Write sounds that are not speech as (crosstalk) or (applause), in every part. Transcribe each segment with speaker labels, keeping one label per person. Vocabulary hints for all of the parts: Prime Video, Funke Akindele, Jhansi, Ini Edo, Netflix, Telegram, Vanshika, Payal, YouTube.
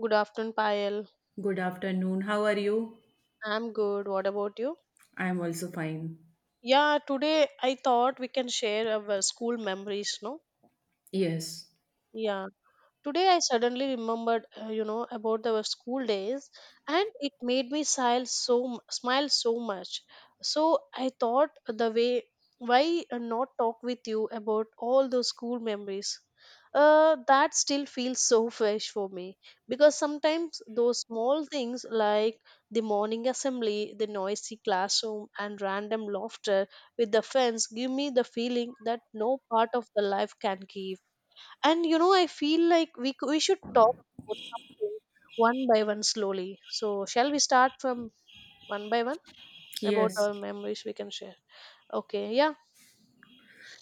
Speaker 1: Good afternoon, Payal.
Speaker 2: Good afternoon. How are you?
Speaker 1: I'm good. What about you?
Speaker 2: I am also fine.
Speaker 1: Yeah, today I thought we can share our school memories, no?
Speaker 2: Yes,
Speaker 1: Yeah. Today I suddenly remembered, about the school days, and it made me smile so much. So I thought the way why not talk with you about all those school memories. That still feels so (laughs) fresh for me because sometimes those small things like the morning assembly, the noisy classroom, and random laughter with the friends give me the feeling that no part of the life can give. And you know, I feel like we should talk about something one by one slowly. So shall we start from one by one about
Speaker 2: yes,
Speaker 1: our memories we can share? Okay, yeah.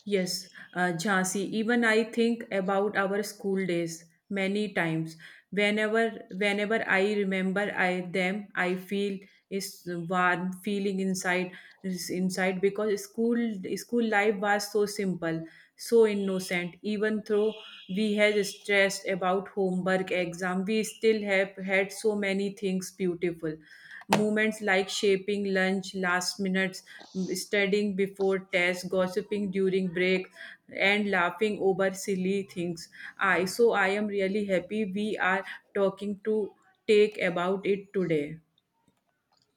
Speaker 2: yes. Jhansi, even I think about our school days many times. Whenever, whenever I remember I them, I feel is warm feeling inside is inside because school life was so simple, so innocent. Even though we had stressed about homework, exam, we still have had so many things beautiful Moments like shaping lunch, last minutes, studying before tests, gossiping during break, and laughing over silly things. I so I am really happy we are talking to take about it today.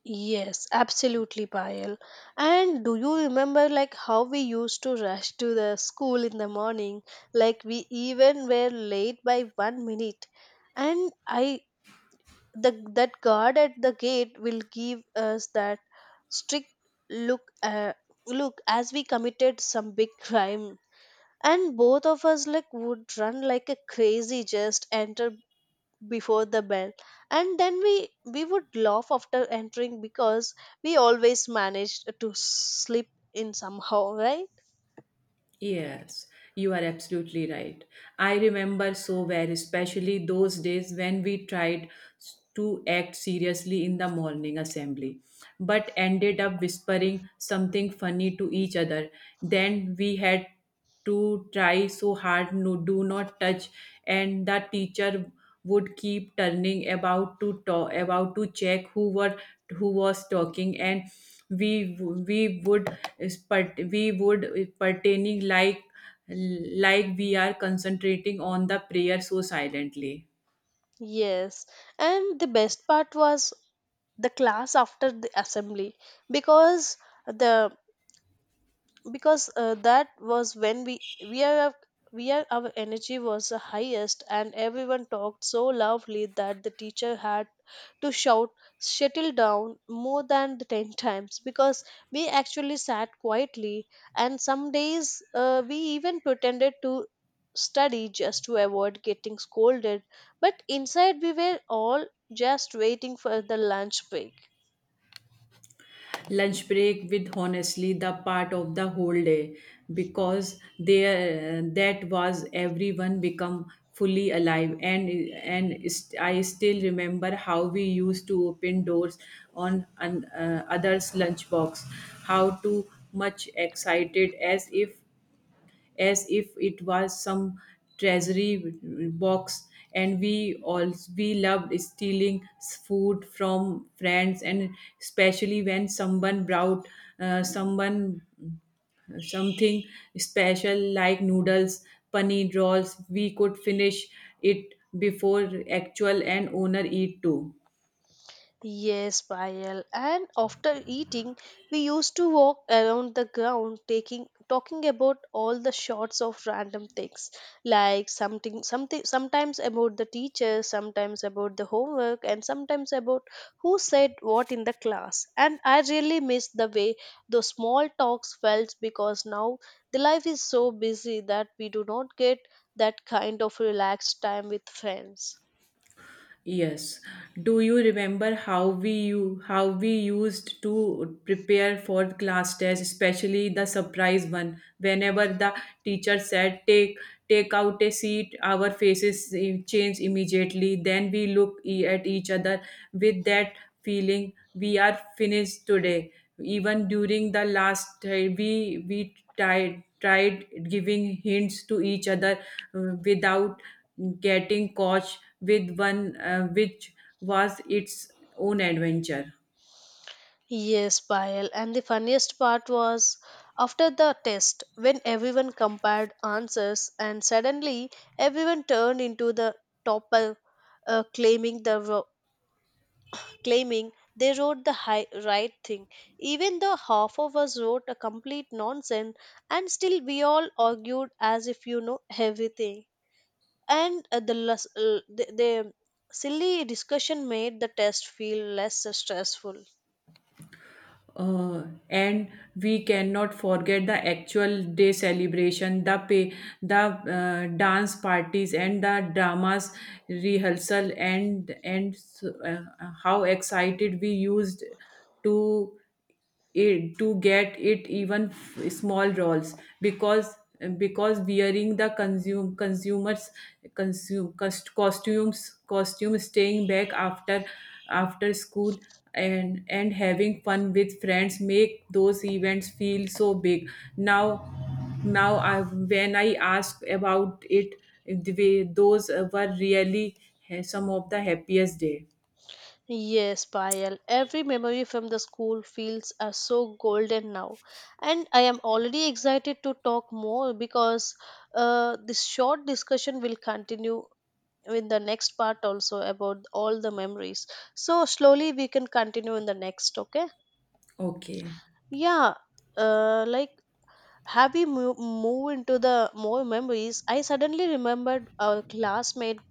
Speaker 1: Yes, absolutely, Payal. And do you remember like how we used to rush to the school in the morning? Like we even were late by 1 minute. And I the that guard at the gate will give us that strict look look as we committed some big (laughs) crime, and both of us like would run like a crazy just enter before the bell. And then we would laugh after entering because we always managed to slip in somehow, right?
Speaker 2: Yes, you are absolutely right. I remember so well, especially those days when we tried to act seriously in the morning assembly, but ended up whispering something funny to each other. Then we had to try so hard no do not touch and the teacher would keep turning about to talk about to check who were who was talking and we we would we would pertaining like we are concentrating on the prayer so silently.
Speaker 1: Yes, and the best part was the class after the assembly because the because that was when we are our energy was the highest, and everyone talked so loudly that the teacher had to shout shuttle down more than the 10 (laughs) times because we actually sat quietly. And some days we even pretended to study just to avoid getting scolded, but inside we were all just waiting for the lunch break.
Speaker 2: Lunch break with honestly the part of the whole day because there that was everyone become fully alive and I still remember how we used to open doors on an, others lunchbox how to much excited as if it was some treasury box and we all we loved stealing food from friends and especially when someone brought someone something special like noodles paneer rolls we could finish it before actual and owner eat too.
Speaker 1: Yes, Payal. And after eating, we used to walk around the ground taking talking about all the shots of random things. Like something something sometimes about the teacher, sometimes about the homework, and sometimes about who said what in the class. And I really miss the way those small talks felt because now the life is so busy that we do not get that kind of relaxed time with friends.
Speaker 2: Yes. Do you remember how we you how we used to prepare for class test, especially the surprise one? Whenever the teacher said take out a seat, our faces change immediately. Then we look at each other with that feeling we are finished today. Even during the last we tried giving hints to each other without getting caught with one which was its own adventure.
Speaker 1: Yes, Payal. And the funniest part was after the test, when everyone compared answers, and suddenly everyone turned into the topper, uh, claiming the ro- claiming they wrote the right thing. Even the half of us wrote a complete nonsense, and still we all argued as if you know everything. And the silly discussion made the test feel less stressful.
Speaker 2: Uh, and we cannot forget the actual day celebration, the pay, the dance parties, and the dramas rehearsal, and uh, how excited we used to it to get it even small roles because wearing the consume consumers consume cost, costumes costume staying back after after school and having fun with friends make those events feel so big now now I, when I ask about it the way those were really some of the happiest day.
Speaker 1: Yes, Payal. Every memory from the school fields are so golden now, and I am already excited to talk more because this short discussion will continue in the next part also about all the memories. So slowly we can continue in the next. Okay?
Speaker 2: Okay.
Speaker 1: Yeah. Like move into the more memories? I suddenly remembered our classmate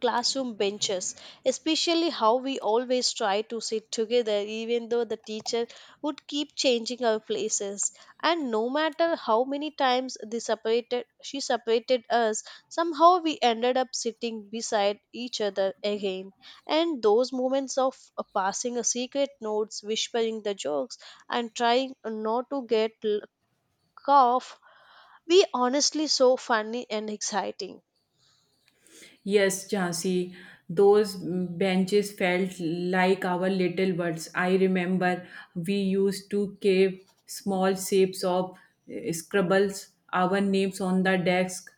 Speaker 1: classroom benches, especially how we always try to sit together, even though the teacher would keep changing our places. And no matter how many times she separated us, somehow we ended up sitting beside each other again. And those moments of passing a secret notes, whispering the jokes, and trying not to get cough, we honestly so funny and exciting.
Speaker 2: Yes, Jhansi, those benches felt like our little worlds. I remember we used to carve small shapes of scribbles, our names on the desk,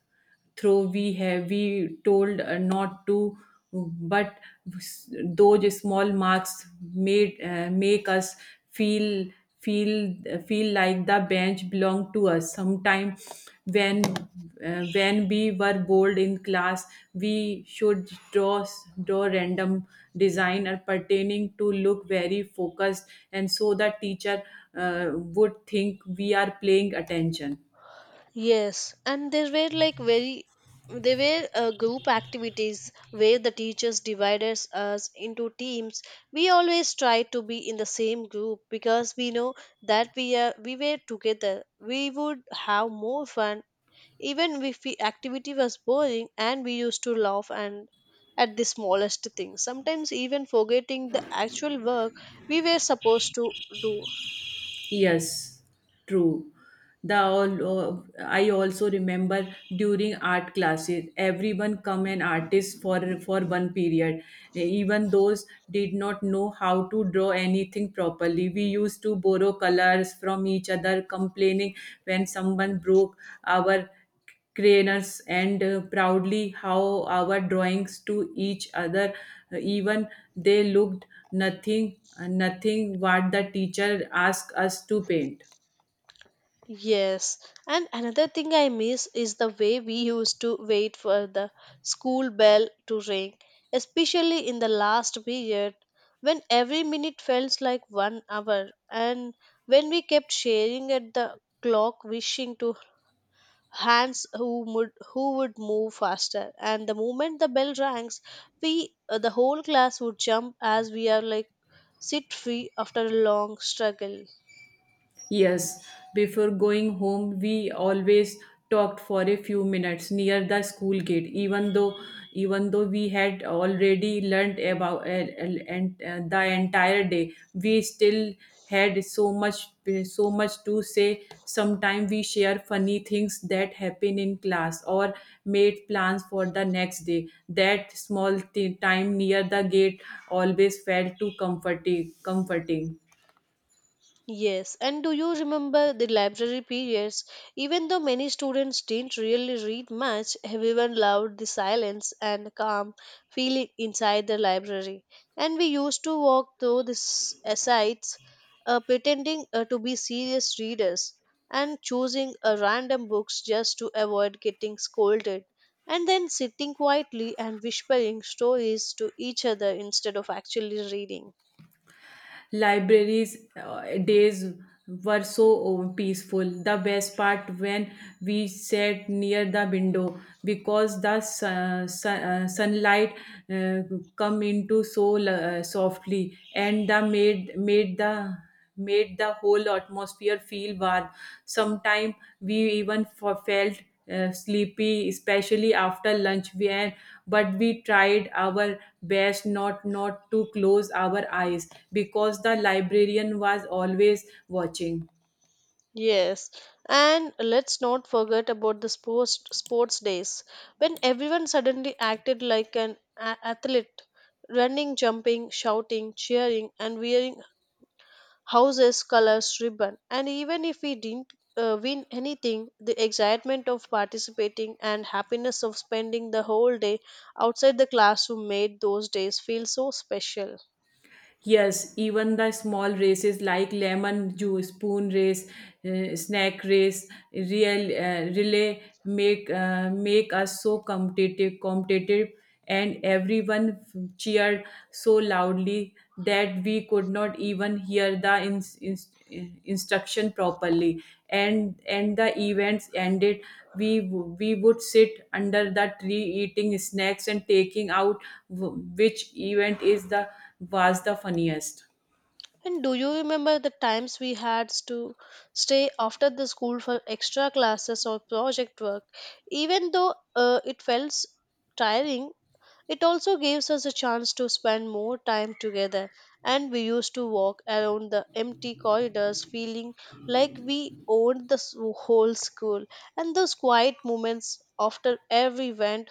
Speaker 2: though we have we told not to but those small marks made make us feel feel like the bench belonged to us. Sometimes when when we were bored in class we should draw random design or pertaining to look very focused and so the teacher would think we are paying attention.
Speaker 1: Yes, and there were like very they were group activities where the teachers divided us into teams. We always tried to be in the same group because we know that we were together. We would have more fun even if the activity was boring, and we used to laugh and at the smallest things. Sometimes even forgetting the actual work we were supposed to do.
Speaker 2: Yes, true. The all, I also remember during art classes, everyone come an artist for one period. Even those did not know how to draw anything properly. We used to borrow colors from each other, complaining when someone broke our crayons and proudly how our drawings to each other even they looked nothing what the teacher asked us to paint.
Speaker 1: Yes, and another thing I miss is the way we used to wait for the school bell to ring, especially in the last period when every minute felt like 1 hour, and when we kept staring at the clock, wishing to hands who would move faster. And the moment the bell rings, we the whole class would jump as we are like sit free after a long struggle.
Speaker 2: Yes, before going home, we always talked for a few minutes near the school gate. Even though we had already learnt about and the entire day, we still had so much to say. Sometimes we share funny things that happen in class or made plans for the next day. That small time near the gate always felt too comforting. Comforting.
Speaker 1: Yes, and do you remember the library periods? Even though many students didn't really read much, everyone loved the silence and calm feeling inside the library. And we used to walk through sites, pretending to be serious readers and choosing random books just to avoid getting scolded, and then sitting quietly and whispering stories to each other instead of actually reading.
Speaker 2: Libraries days were so peaceful the best part when we sat near the window because the sunlight uh, come into so softly and the made made the whole atmosphere feel warm. Sometimes we even felt sleepy, especially after lunch. We and but we tried our best not to close our eyes because the librarian was always watching.
Speaker 1: Yes, and let's not forget about the sports days when everyone suddenly acted like an athlete, running, jumping, shouting, cheering, and wearing houses colors ribbon. And even if we didn't win anything, the excitement of participating and happiness of spending the whole day outside the classroom made those days feel so special.
Speaker 2: Yes, even the small races like lemon juice, spoon race, snack race, real relay make us so competitive, and everyone cheered so loudly that we could not even hear the instruction properly and the events ended we would sit under the tree eating snacks and taking out which event is the was the funniest.
Speaker 1: And do you remember the times we had to stay after the school for extra classes or project work? Even though it felt tiring, it also gives us a chance to spend more time together. And we used to walk around the empty corridors feeling like we owned whole school. And those quiet moments after every went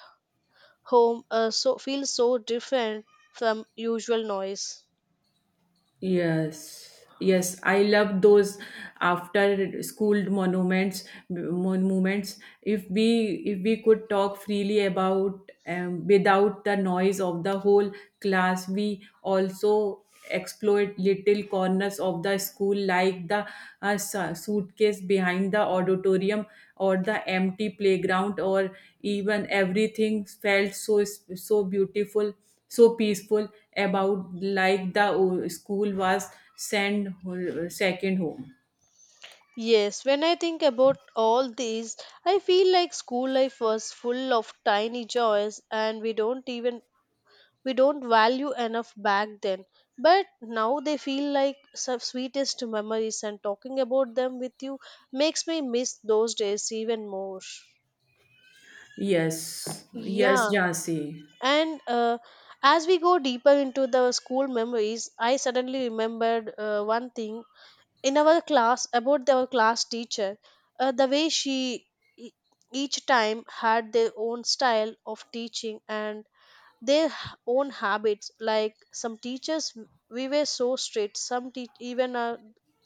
Speaker 1: home so feel so different from usual noise.
Speaker 2: Yes, yes, I love those after school monuments. Monuments. If we could talk freely about without the noise of the whole class, we also exploit little corners of the school like the suitcase behind the auditorium or the empty playground or even everything felt so beautiful so peaceful about like the school was second home.
Speaker 1: Yes, when I think about all these, I feel like school life was full of tiny joys and we don't value enough back then. But now they feel like some sweetest memories, and talking about them with you makes me miss those days even more.
Speaker 2: Yes yes
Speaker 1: Yeah,
Speaker 2: Jansi.
Speaker 1: and as we go deeper into the school memories, I suddenly remembered one thing in our class about our class teacher, the way e- each time had their own style of teaching and own habits. Like some teachers we were so strict, some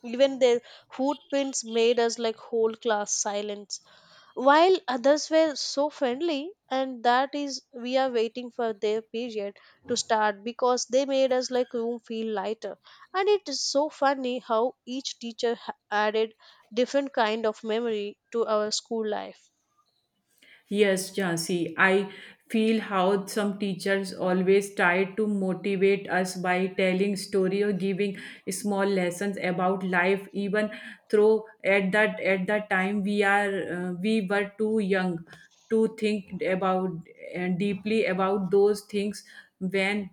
Speaker 1: even their footprints made us like whole class silence, while others were so friendly, and that is we are waiting for their period to start because they made us like room feel lighter. And it is so funny how each added different kind of memory to our school life.
Speaker 2: Yes Jansi, I feel how some teachers always try to motivate us by telling story or giving small lessons about life even though at that time we were too young to think about and deeply about those things when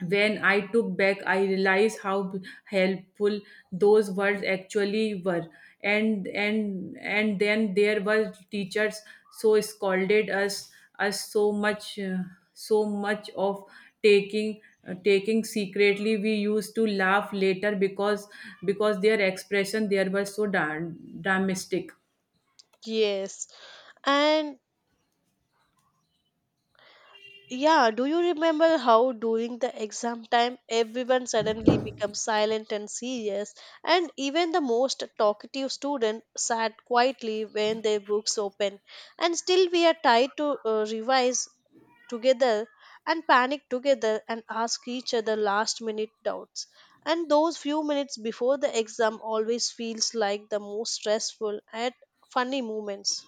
Speaker 2: when I took back, I realized how helpful those words actually were. And then there were teachers so scolded us so much so much of taking taking secretly we used to laugh later because their expression there was so darn dramatic.
Speaker 1: Yes, and yeah, do you remember how during the exam time everyone suddenly becomes silent and serious, and even the most talkative student sat quietly when their books open, and still we are tied to revise together and panic together and ask each other last minute doubts. And those few minutes before the exam always feels like the most stressful and funny moments.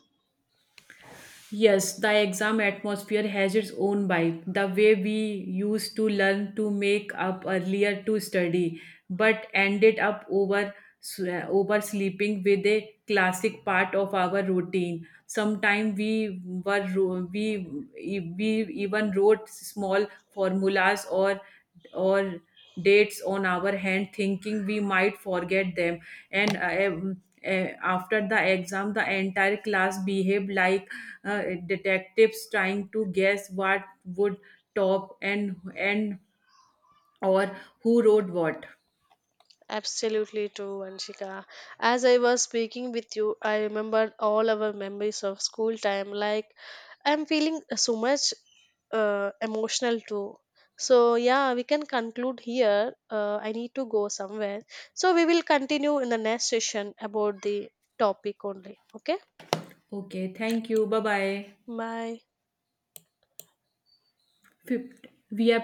Speaker 2: Yes, the exam atmosphere has its own vibe, the way we used to learn to make up earlier to study, but ended up over oversleeping with a classic part of our routine. Sometimes we were ro- we even wrote small formulas or dates on our hand thinking we might forget them and after the exam the entire class behaved like detectives trying to guess what would top and or who wrote what.
Speaker 1: Absolutely true, Vanshika. As I was speaking with you, I remembered all our memories of school time. Like, I'm feeling so much emotional too. So, yeah, we can conclude here. I need to go somewhere. So, we will continue in the next session about the topic only. Okay?
Speaker 2: Okay, thank you, bye bye.
Speaker 1: Bye.
Speaker 2: Fif- we have